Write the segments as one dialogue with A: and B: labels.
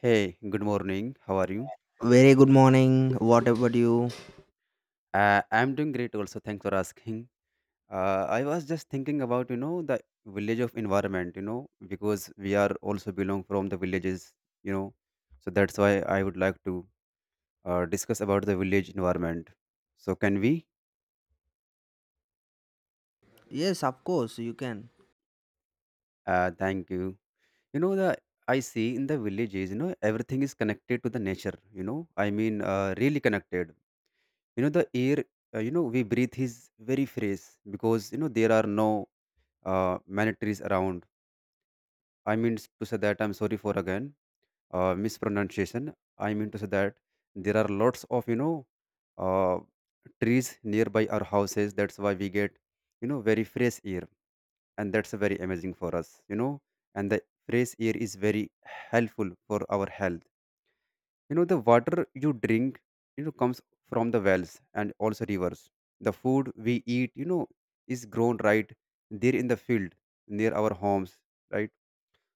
A: Hey, good morning. How are you?
B: Very good morning. What about you?
A: I'm doing great also. Thanks for asking. I was just thinking about, the village of environment, because we are also belong from the villages, you know. So that's why I would like to discuss about the village environment. So can we?
B: Yes, of course, you can.
A: Thank you. You know, the I see in the villages, everything is connected to the nature, I mean, really connected. The air, we breathe is very fresh because, there are no many trees around. I mean to say that I'm sorry for again mispronunciation. I mean to say that there are lots of uh, trees nearby our houses. That's why we get very fresh air, and that's very amazing for us. And the fresh air is very helpful for our health. The water you drink comes from the wells and also rivers. The food we eat is grown right there in the field near our homes, right?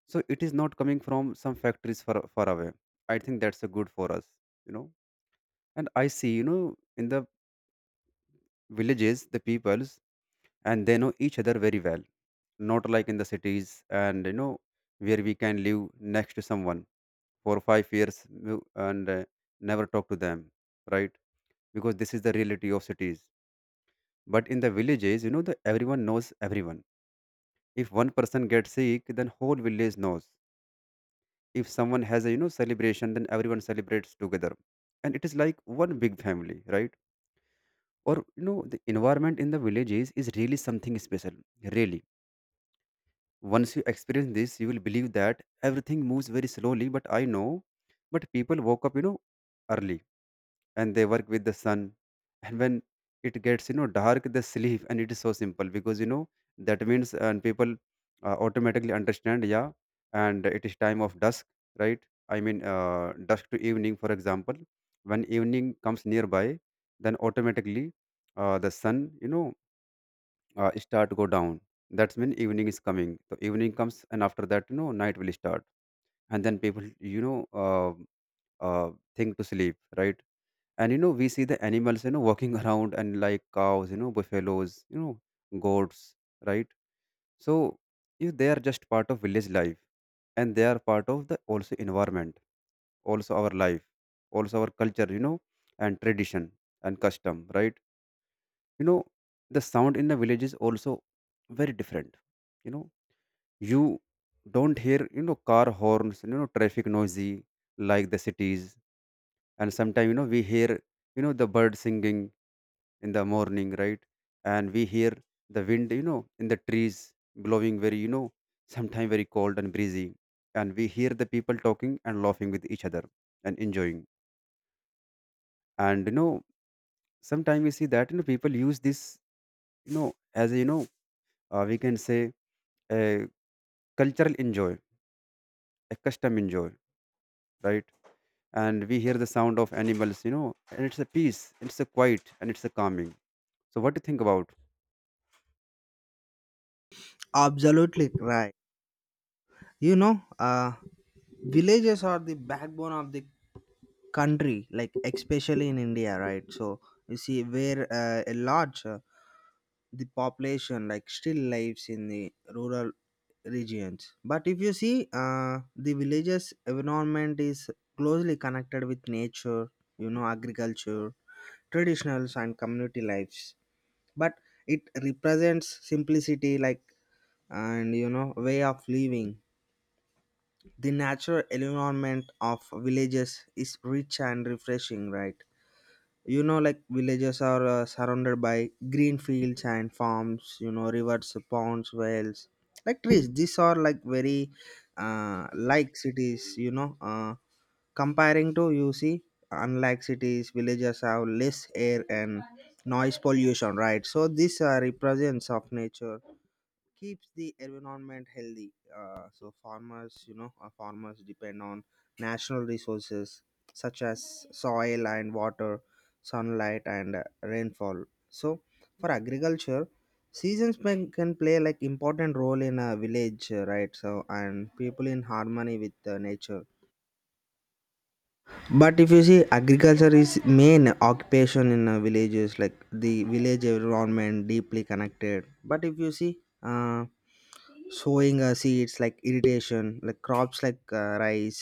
A: So it is not coming from some factories far, far away. I think that's a good for us you know and I see in the villages, the peoples and they know each other very well, not like in the cities. And where we can live next to someone for five years, and never talk to them, right? Because this is the reality of cities. But in the villages, you know the everyone knows everyone. If one person gets sick, then whole village knows. If someone has a celebration, then everyone celebrates together. And it is like one big family, right? Or the environment in the villages is really something special. Really, once you experience this, you will believe that everything moves very slowly, but I know. But people woke up, early. And they work with the sun. And when it gets, dark, they sleep, and it is so simple because, that means and people automatically understand, yeah. And it is time of dusk, right? I mean, dusk to evening, for example. When evening comes nearby, then automatically, the sun, start to go down. That's when evening is coming, so evening comes, and after that, night will start. And then people, you know uh, think to sleep, right? And we see the animals, walking around, and like cows, buffaloes, goats, right? So you they are just part of village life. And they are part of the also environment, also our life, also our culture, and tradition, and custom, right? You know the sound in the village is also very different. You know you don't hear car horns, traffic noisy, like the cities. And sometimes, we hear the bird singing in the morning, right? And we hear the wind, in the trees, blowing very, sometimes very cold and breezy. And we hear the people talking and laughing with each other, and enjoying. And, sometimes we see that, people use this, as a, we can say, a cultural enjoy, a custom enjoy, right? And we hear the sound of animals, and it's a peace, it's a quiet, and it's a calming. So what do you think about?
B: Absolutely right. You know, villages are the backbone of the country, like especially in India, right? So you see, where a large the population like still lives in the rural regions. But if you see, the villages environment is closely connected with nature. You know, agriculture, traditionals, and community lives, but it represents simplicity like, and you know, way of living. The natural environment of villages is rich and refreshing, right? You know, like villages are surrounded by green fields and farms, you know, rivers, ponds, wells, like trees. These are like very like cities, you know, comparing to, you see, unlike cities, villages have less air and noise pollution, right? So these are represents of nature, keeps the environment healthy. So farmers, you know, farmers depend on natural resources such as soil and water, sunlight and rainfall. So for agriculture, seasons may, can play like important role in a village, right? So and people in harmony with nature. But if you see, agriculture is main occupation in villages, like the village environment deeply connected. But if you see sowing seeds like irrigation, like crops like rice,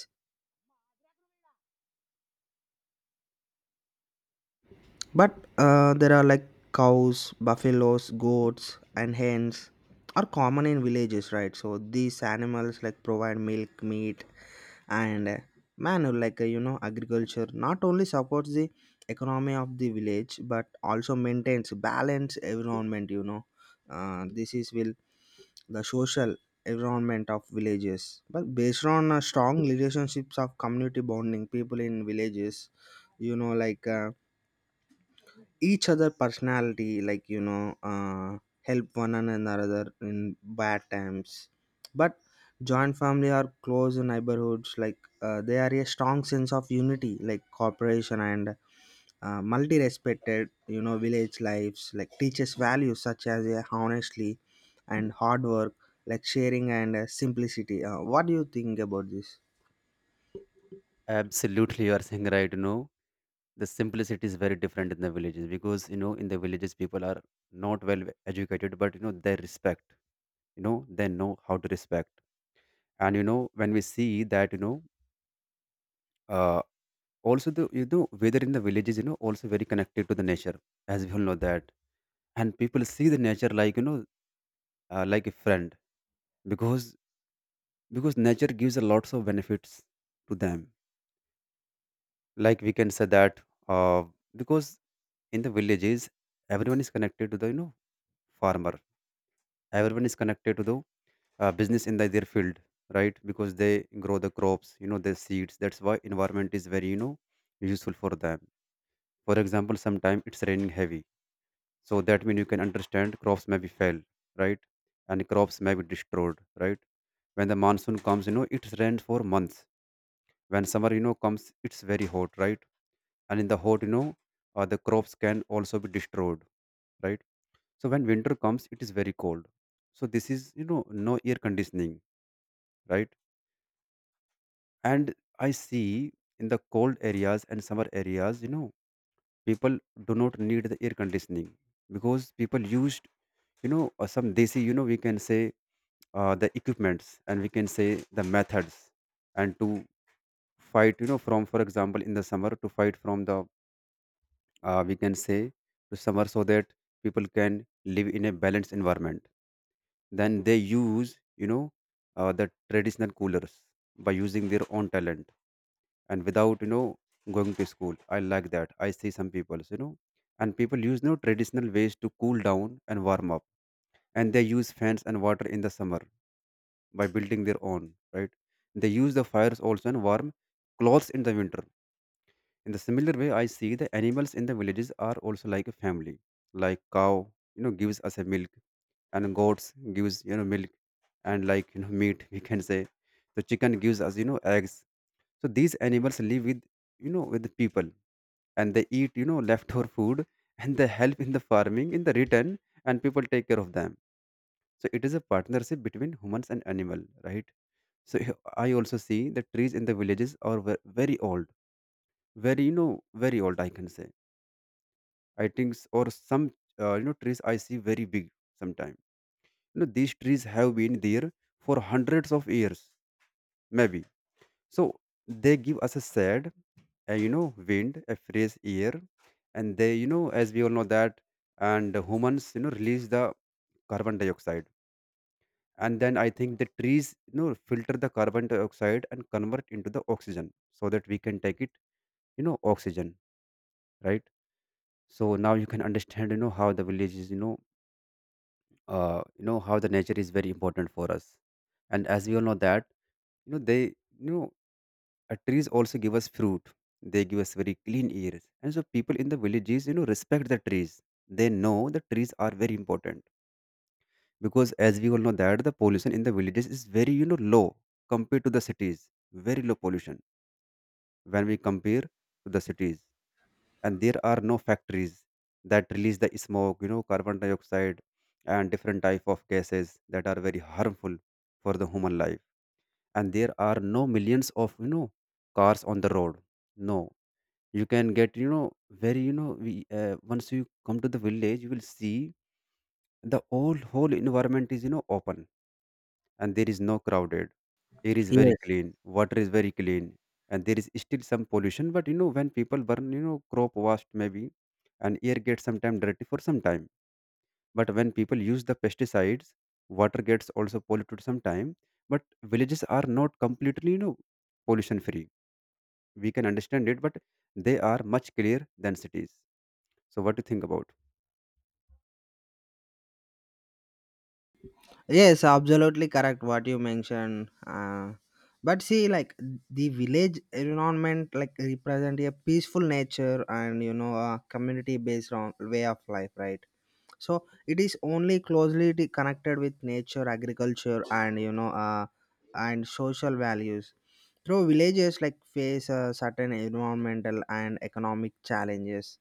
B: but there are like cows, buffaloes, goats, and hens are common in villages, right? So these animals like provide milk, meat, and man like, you know, agriculture not only supports the economy of the village but also maintains balance environment, you know. This is will the social environment of villages, but based on strong relationships of community bonding, people in villages, you know, like each other personality, like, you know, help one another in bad times. But joint family are close neighborhoods, like, they are a strong sense of unity like cooperation and multi respected, you know, village lives like teaches values such as honestly and hard work, like sharing and simplicity. What do you think about this?
A: Absolutely, you are saying right. The simplicity is very different in the villages because, in the villages, people are not well educated, but, they respect. They know how to respect. And, when we see that, uh, also the weather in the villages, also very connected to the nature, as we all know that. And people see the nature like, like a friend, because nature gives a lots of benefits to them. Like, we can say that, uh, because in the villages, everyone is connected to the, farmer. Everyone is connected to the, business in the, their field, right? Because they grow the crops, the seeds. That's why environment is very, useful for them. For example, sometime it's raining heavy, so that means you can understand crops may be fail, right? And crops may be destroyed, right? When the monsoon comes, it rains for months. When summer, comes, it's very hot, right? And in the hot, the crops can also be destroyed, right? So when winter comes, it is very cold. So this is, no air conditioning, right? And I see in the cold areas and summer areas, people do not need the air conditioning. Because people used, some desi, we can say, the equipments, and we can say the methods, and to fight, from, for example, in the summer, to fight from the, we can say, to summer. So that people can live in a balanced environment. Then they use, the traditional coolers by using their own talent, and without, going to school. I like that. I see some people, and people use no traditional ways to cool down and warm up. And they use fans and water in the summer, by building their own, right? They use the fires also, and warm clothes in the winter. In the similar way, I see the animals in the villages are also like a family. Like cow, gives us a milk, and goats gives milk, and like meat, we can say. The chicken gives us eggs. So these animals live with with the people, and they eat leftover food, and they help in the farming in the return, and people take care of them. So it is a partnership between humans and animal, right? So I also see the trees in the villages are very old, very very old, I can say. I think, or some, trees I see very big sometimes. These trees have been there for hundreds of years, maybe. So they give us a shade, a wind, a fresh air, and they, as we all know that, and humans release the carbon dioxide, and then I think the trees filter the carbon dioxide and convert into the oxygen, so that we can take it, oxygen, right? So now you can understand how the village is, how the nature is very important for us. And as we all know that, they, you know trees also give us fruit. They give us very clean air, and so people in the villages respect the trees. They know the trees are very important, because, as we all know that, the pollution in the villages is very, low compared to the cities, very low pollution when we compare to the cities. And there are no factories that release the smoke, carbon dioxide, and different type of gases that are very harmful for the human life. And there are no millions of cars on the road. No, you can get very once you come to the village, you will see the whole environment is open, and there is no crowded. Air is very
B: Yes,
A: clean. Water is very clean. And there is still some pollution, but when people burn crop waste, maybe, and air gets sometimes dirty for some time. But when people use the pesticides, water gets also polluted sometime. But villages are not completely pollution free. We can understand it, but they are much clearer than cities. So what do you think about?
B: yes, absolutely correct what you mentioned. But see, like the village environment, like represent a peaceful nature and, you know, a community-based on way of life, right? So it is only closely connected with nature, agriculture, and you know, and social values. Through villages, like face certain environmental and economic challenges,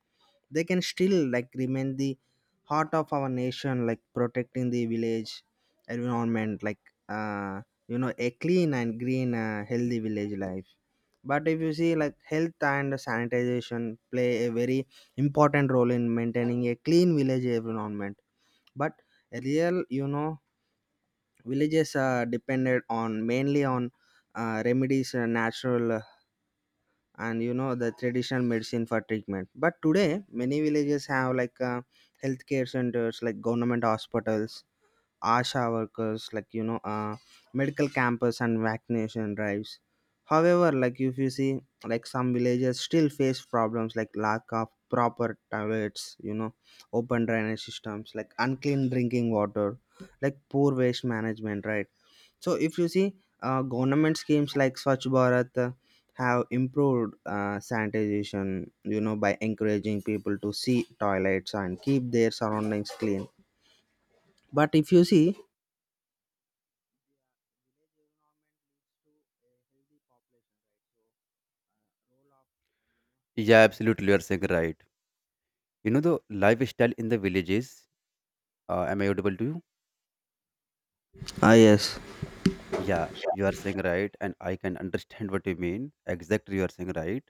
B: they can still like remain the heart of our nation, like protecting the village environment, like, uh, you know, a clean and green healthy village life. But if you see, like health and sanitization play a very important role in maintaining a clean village environment. But real, you know, villages are depended on mainly on remedies, natural, and you know the traditional medicine for treatment. But today many villages have like healthcare centers like government hospitals, asha workers, like, you know, medical campus and vaccination drives. However, like, if you see, like some villages still face problems like lack of proper toilets, you know, open drainage systems, like unclean drinking water, like poor waste management, right? So if you see, government schemes like Swachh Bharat have improved sanitation, you know, by encouraging people to see toilets and keep their surroundings clean. But if you see,
A: Yeah, absolutely, you are saying right. The lifestyle in the villages, am I audible to you?
B: ah, yes,
A: Yeah, you are saying right, and I can understand what you mean. Exactly, you are saying right.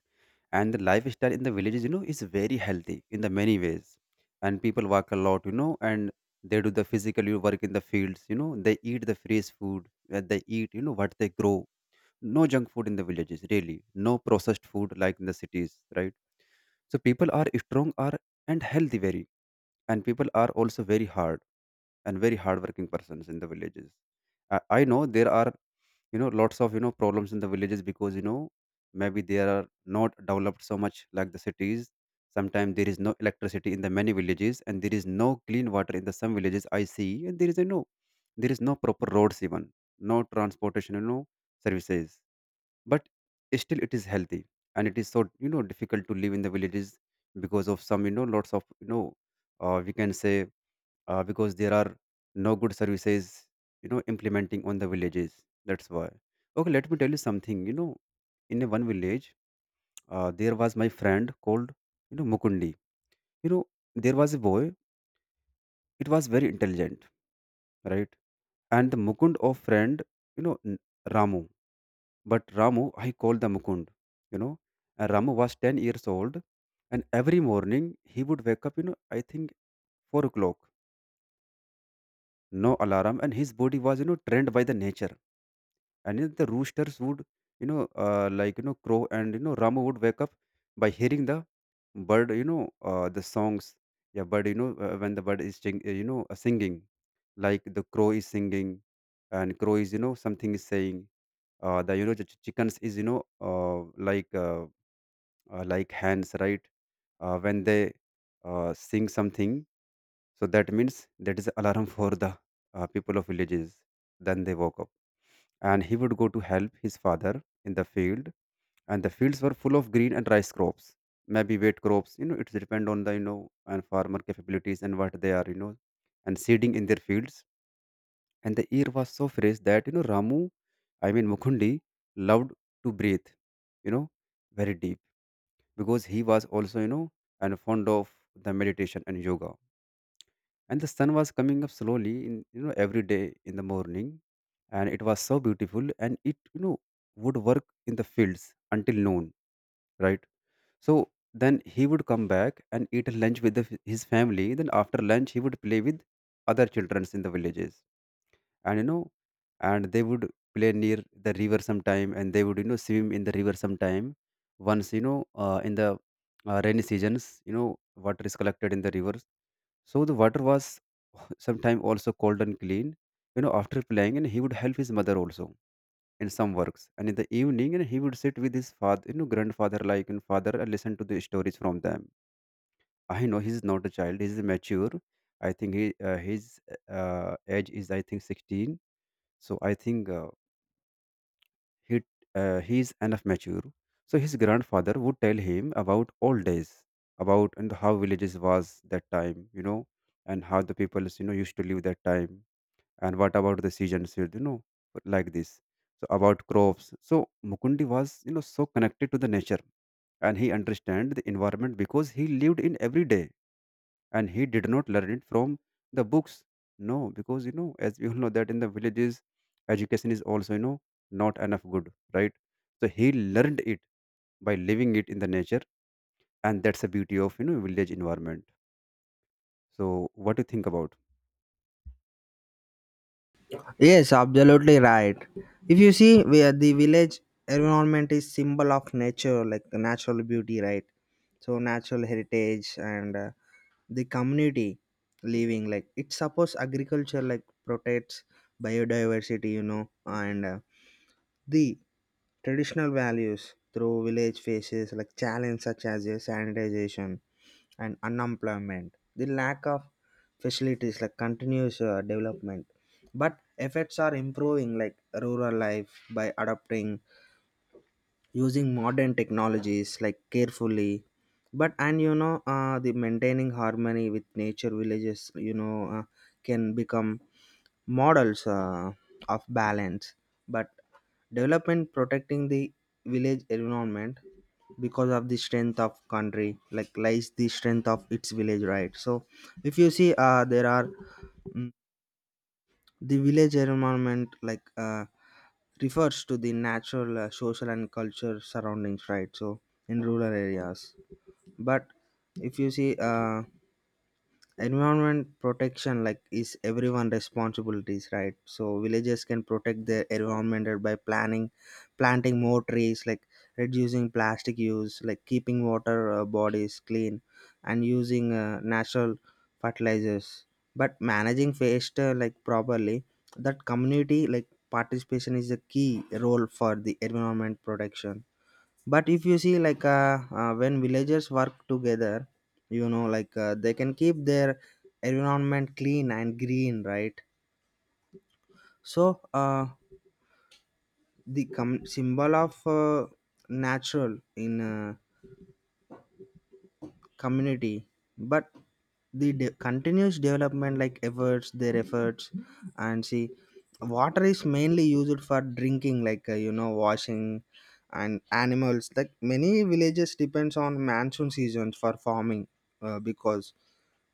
A: And the lifestyle in the villages, is very healthy in the many ways. And people walk a lot, and they do the physical you work in the fields, they eat the fresh food, they eat, what they grow. No junk food in the villages, really. No processed food like in the cities, right? So people are strong are and healthy very, and people are also very hard and very hardworking persons in the villages. I know there are lots of problems in the villages, because maybe they are not developed so much like the cities. Sometimes there is no electricity in the many villages, and there is no clean water in the some villages, I see, and there is there is no proper roads even, no transportation, services. But still, it is healthy, and it is so difficult to live in the villages because of some lots of we can say, because there are no good services, implementing on the villages. That's why, okay, let me tell you something. In a one village, there was my friend called, Mukundi. you know there was a boy. It was very intelligent, right? And the Mukund of friend, you know N- Ramu. But Ramu I called the Mukund, you know and Ramu was 10 years old. And every morning he would wake up, I think, 4 o'clock. No alarm, and his body was trained by the nature. And then the roosters would, crow, and, Rama would wake up by hearing the bird, the songs. Yeah, bird, when the bird is sing, singing, like the crow is singing, and crow is, something is saying. The the chickens is, like hands, right? When they sing something, so that means that is alarm for the people of villages. Then they woke up, and he would go to help his father in the field, and the fields were full of green and rice crops, maybe wheat crops. You know, it depend on the and farmer capabilities and what they are, and seeding in their fields. And the air was so fresh that, you know, Ramu, I mean Mukundi, loved to breathe, you know, very deep, because he was also and fond of the meditation and yoga. And the sun was coming up slowly in, you know, every day in the morning, and it was so beautiful, and it, you know, would work in the fields until noon, right? So then he would come back and eat lunch with the, his family. Then after lunch he would play with other children in the villages, and you know, and they would play near the river sometime, and they would, you know, swim in the river sometime. Once, in the rainy seasons, you know, water is collected in the rivers, so the water was sometime also cold and clean, you know. After playing, and he would help his mother also in some works, and in the evening, and he would sit with his father, you know, grandfather like, and father, and listen to the stories from them. I know he's not a child, he's mature. I think he his age is, I think, 16. So I think, he he's enough mature. So his grandfather would tell him about old days, about and how villages was that time, you know, and how the peoples, you know, used to live that time, and what about the seasons, you know, like this. So about crops. So Mukundi was, you know, so connected to the nature, and he understand the environment because he lived in every day, and he did not learn it from the books. No, because, you know, as we all know that in the villages, education is also, you know, not enough good, right? So he learned it by living it in the nature, and that's the beauty of, you know, village environment. So what do you think about?
B: yes, absolutely right. If you see, where the village environment is symbol of nature, like the natural beauty, right? So natural heritage and the community living, like it supports agriculture, like protects biodiversity, you know, and the traditional values through village faces like challenge such as sanitization and unemployment, the lack of facilities like continuous development. But efforts are improving like rural life by adopting, using modern technologies like carefully, but and you know, the maintaining harmony with nature, villages, you know, can become models of balance, but development, protecting the village environment, because of the strength of country like lies the strength of its village, right? So if you see there are mm, the village environment like refers to the natural, social, and culture surroundings, right? So in rural areas, but if you see environment protection like is everyone responsibilities, right? So villagers can protect their environment by planning, planting more trees, like reducing plastic use, like keeping water bodies clean and using natural fertilizers, but managing waste like properly, that community like participation is a key role for the environment protection. But if you see, like, when villagers work together, you know, like, they can keep their environment clean and green, right? So the symbol of natural in community, but the continuous development like efforts, their efforts, and see water is mainly used for drinking, like, you know, washing and animals, like many villages depends on monsoon seasons for farming, because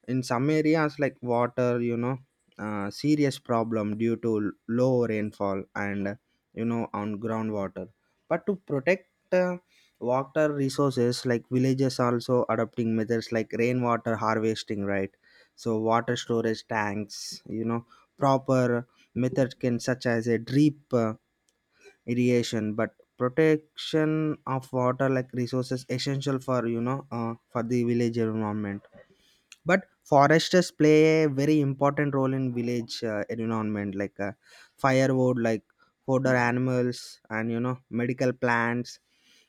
B: in some areas, like, water, you know, serious problem due to low rainfall and you know on groundwater. But to protect uh, water resources, like villages also adopting methods like rainwater harvesting, right? So water storage tanks, you know, proper methods can such as a drip irrigation, but protection of water, like resources essential for, you know, for the village environment. But foresters play a very important role in village environment, like, firewood, like fodder, animals, and you know medical plants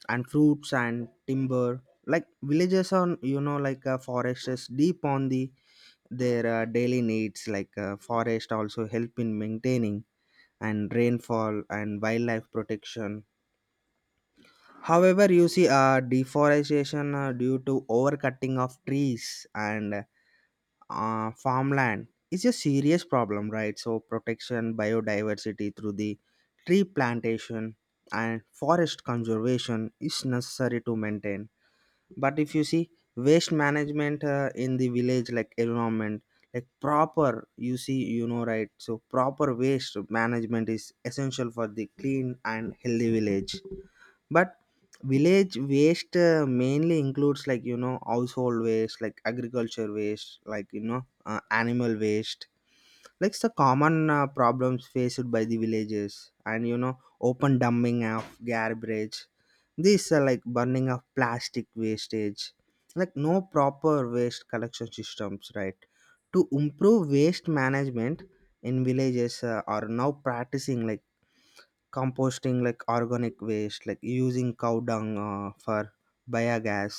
B: and fruits and timber, like villages on, you know, like foresters deep on the their daily needs, like, forest also help in maintaining and rainfall and wildlife protection. However, you see, deforestation due to overcutting of trees and farmland is a serious problem, right? So protection, biodiversity through the tree plantation and forest conservation is necessary to maintain. But if you see, waste management in the village, like environment, like proper, you see, you know, right? So proper waste management is essential for the clean and healthy village, but village waste mainly includes, like, you know, household waste, like agriculture waste, like, you know, animal waste, like the common problems faced by the villages, and you know open dumping of garbage, these are like burning of plastic wastage, like no proper waste collection systems, right? To improve waste management in villages, are now practicing, like composting, like organic waste, like using cow dung for biogas,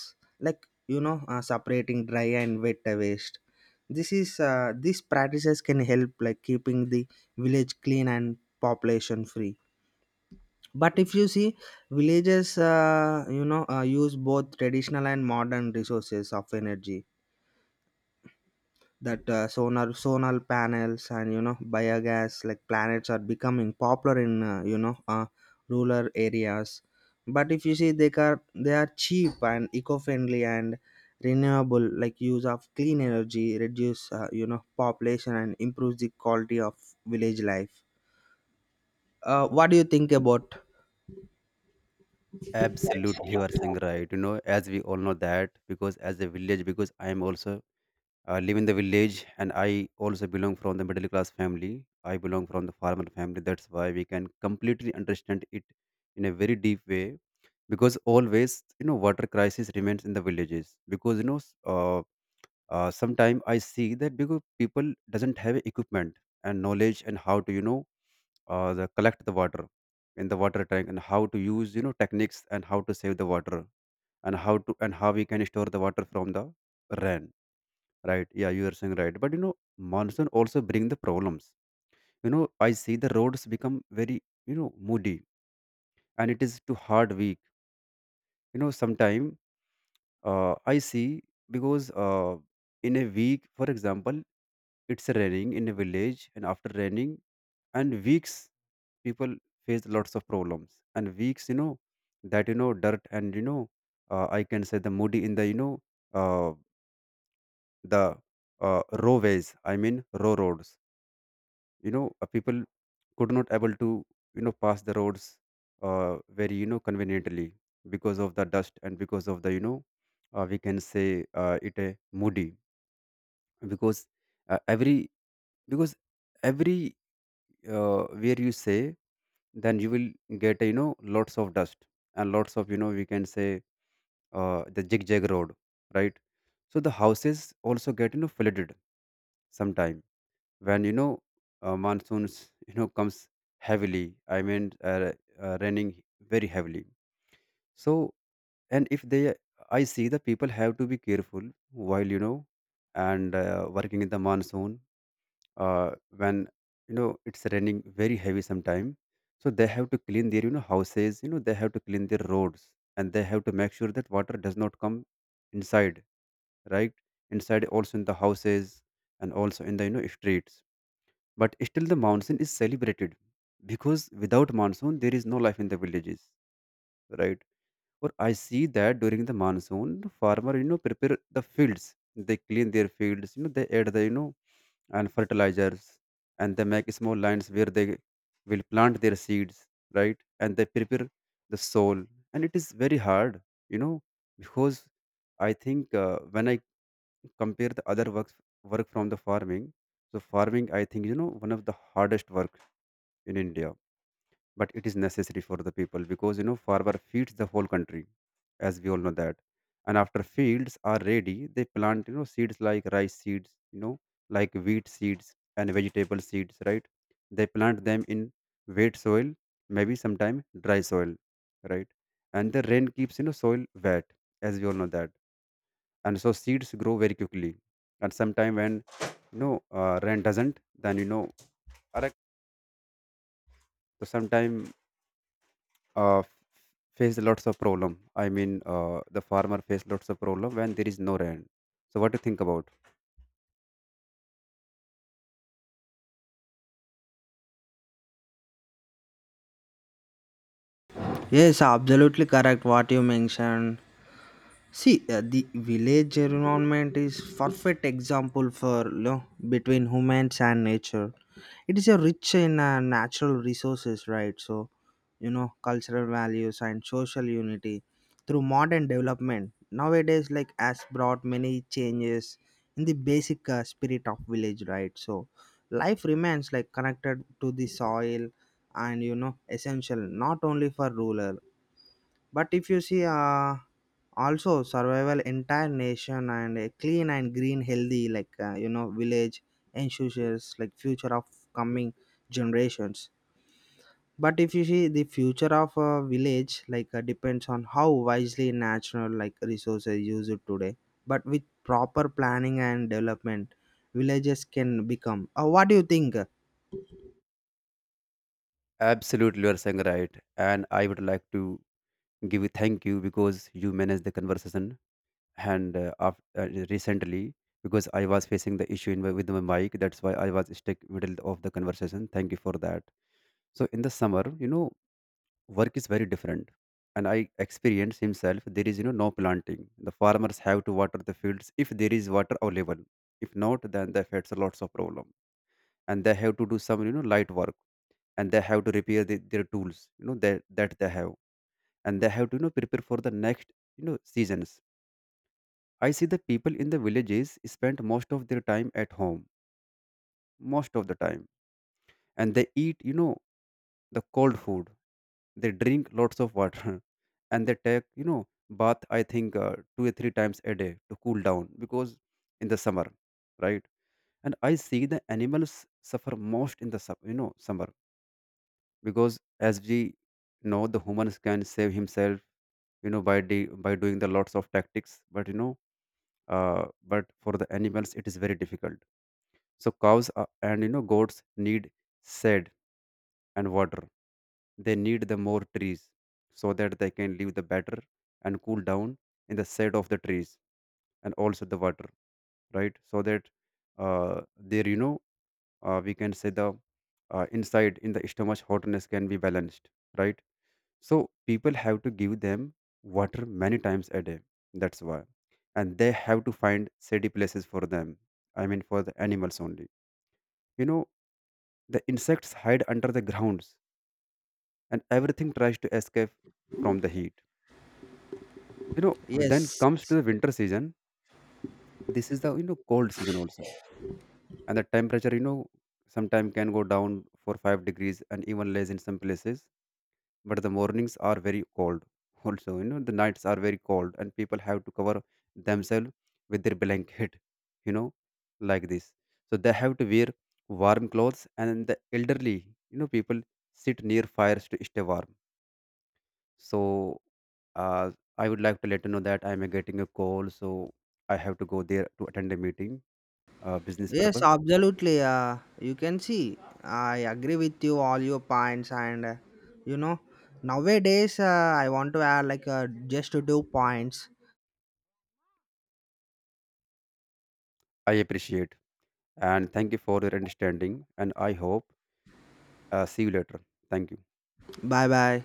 B: like, you know, separating dry and wet waste. This is, these practices can help like keeping the village clean and population free. But if you see, villages, you know, use both traditional and modern resources of energy. That sonar solar panels and you know biogas like planets are becoming popular in you know, rural areas. But if you see, they are cheap and eco-friendly and renewable, like use of clean energy reduce you know population and improves the quality of village life. What do you think about?
A: Absolutely, you are saying right. You know, as we all know that, because as a village, because I am also I live in the village, and I also belong from the middle class family. I belong from the farmer family. That's why we can completely understand it in a very deep way, because always, you know, water crisis remains in the villages. Because you know, sometimes I see that because people doesn't have equipment and knowledge, and how to, you know, the collect the water in the water tank, and how to use, you know, techniques, and how to save the water, and how to, and how we can store the water from the rain. Right. Yeah, you are saying right. But you know, monsoon also bring the problems. You know, I see the roads become very, you know, moody, and it is too hard week. You know, sometime I see because in a week, for example, it's raining in a village, and after raining and weeks, people face lots of problems and weeks, you know, that, you know, dirt, and you know, I can say the moody in the, you know, uh, the raw ways, I mean raw roads, you know, people could not able to, you know, pass the roads uh, very, you know, conveniently, because of the dust, and because of the, you know, we can say, it a moody, because uh, every because every where you say, then you will get, you know, lots of dust, and lots of, you know, we can say, the zigzag road, right? So the houses also get, you know, flooded sometime when, you know, monsoons you know comes heavily. I mean raining very heavily. So, and if they, I see the people have to be careful while, you know, and working in the monsoon, uh, when, you know, it's raining very heavy sometime. So they have to clean their, you know, houses, you know, they have to clean their roads, and they have to make sure that water does not come inside, right, inside also in the houses, and also in the, you know, streets. But still, the monsoon is celebrated, because without monsoon, there is no life in the villages, right? Or I see that during the monsoon, farmer, you know, prepare the fields. They clean their fields. You know, they add the, you know, and fertilizers, and they make small lines where they will plant their seeds, right? And they prepare the soil, and it is very hard, you know, because I think, when I compare the other works work from the farming, so farming I think, you know, one of the hardest work in India. But it is necessary for the people, because you know farmer feeds the whole country, as we all know that. And after fields are ready, they plant, you know, seeds, like rice seeds, you know, like wheat seeds and vegetable seeds, right? They plant them in wet soil, maybe sometime dry soil, right? And the rain keeps, you know, soil wet, as we all know that. And so seeds grow very quickly. And sometime when, you know, rain doesn't, then you know. Correct. So sometime uh, f- face lots of problem, I mean, the farmer face lots of problem when there is no rain. So what do you think about?
B: Yes, absolutely correct what you mentioned. See, the village environment is perfect example for, you know, between humans and nature. It is a rich in natural resources, right? So, you know, cultural values and social unity through modern development nowadays, like has brought many changes in the basic spirit of village, right? So life remains like connected to the soil, and you know essential not only for ruler, but if you see also survival entire nation, and a clean and green healthy, like, you know, village ensures like future of coming generations. But if you see, the future of a village, like, depends on how wisely natural like resources use it today, but with proper planning and development villages can become what do you think?
A: Absolutely, you are saying right, and I would like to give you thank you, because you managed the conversation, and recently, because I was facing the issue in my, with my mic, that's why I was stuck middle of the conversation, thank you for that. So in the summer, you know, work is very different, and I experience himself there is, you know, no planting. The farmers have to water the fields if there is water available. If not, then they face lots of problem, and they have to do some, you know, light work, and they have to repair the, their tools, you know, that they have, and they have to, you know, prepare for the next, you know, seasons. I see the people in the villages spend most of their time at home, most of the time, and they eat, you know, the cold food. They drink lots of water and they take, you know, bath, I think, two or three times a day to cool down, because in the summer, right? And I see the animals suffer most in the you know, summer. Because as we know, the humans can save himself, you know, by by doing the lots of tactics, but you know, but for the animals it is very difficult. So cows are, and you know, goats need shade and water. They need the more trees so that they can live the better, and cool down in the shade of the trees, and also the water, right? So that there, you know, we can say, the inside in the stomach hotness can be balanced, right? So people have to give them water many times a day. That's why, and they have to find shady places for them. I mean, for the animals only. You know, the insects hide under the grounds, and everything tries to escape from the heat, you know. Then
B: Yes,
A: comes to the winter season. This is the, you know, cold season also, and the temperature, you know, sometimes can go down for 5 degrees, and even less in some places. But the mornings are very cold, also, you know, the nights are very cold, and people have to cover themselves with their blanket, you know, like this. So they have to wear warm clothes, and the elderly, you know, people sit near fires to stay warm. So, uh, I would like to let you know that I'm getting a call, so I have to go there to attend a meeting, business
B: yes,
A: purpose.
B: absolutely. You can see, I agree with you all your points, and you know, nowadays I want to add like just two points.
A: I appreciate and thank you for your understanding, and I hope, see you later. Thank you.
B: Bye bye.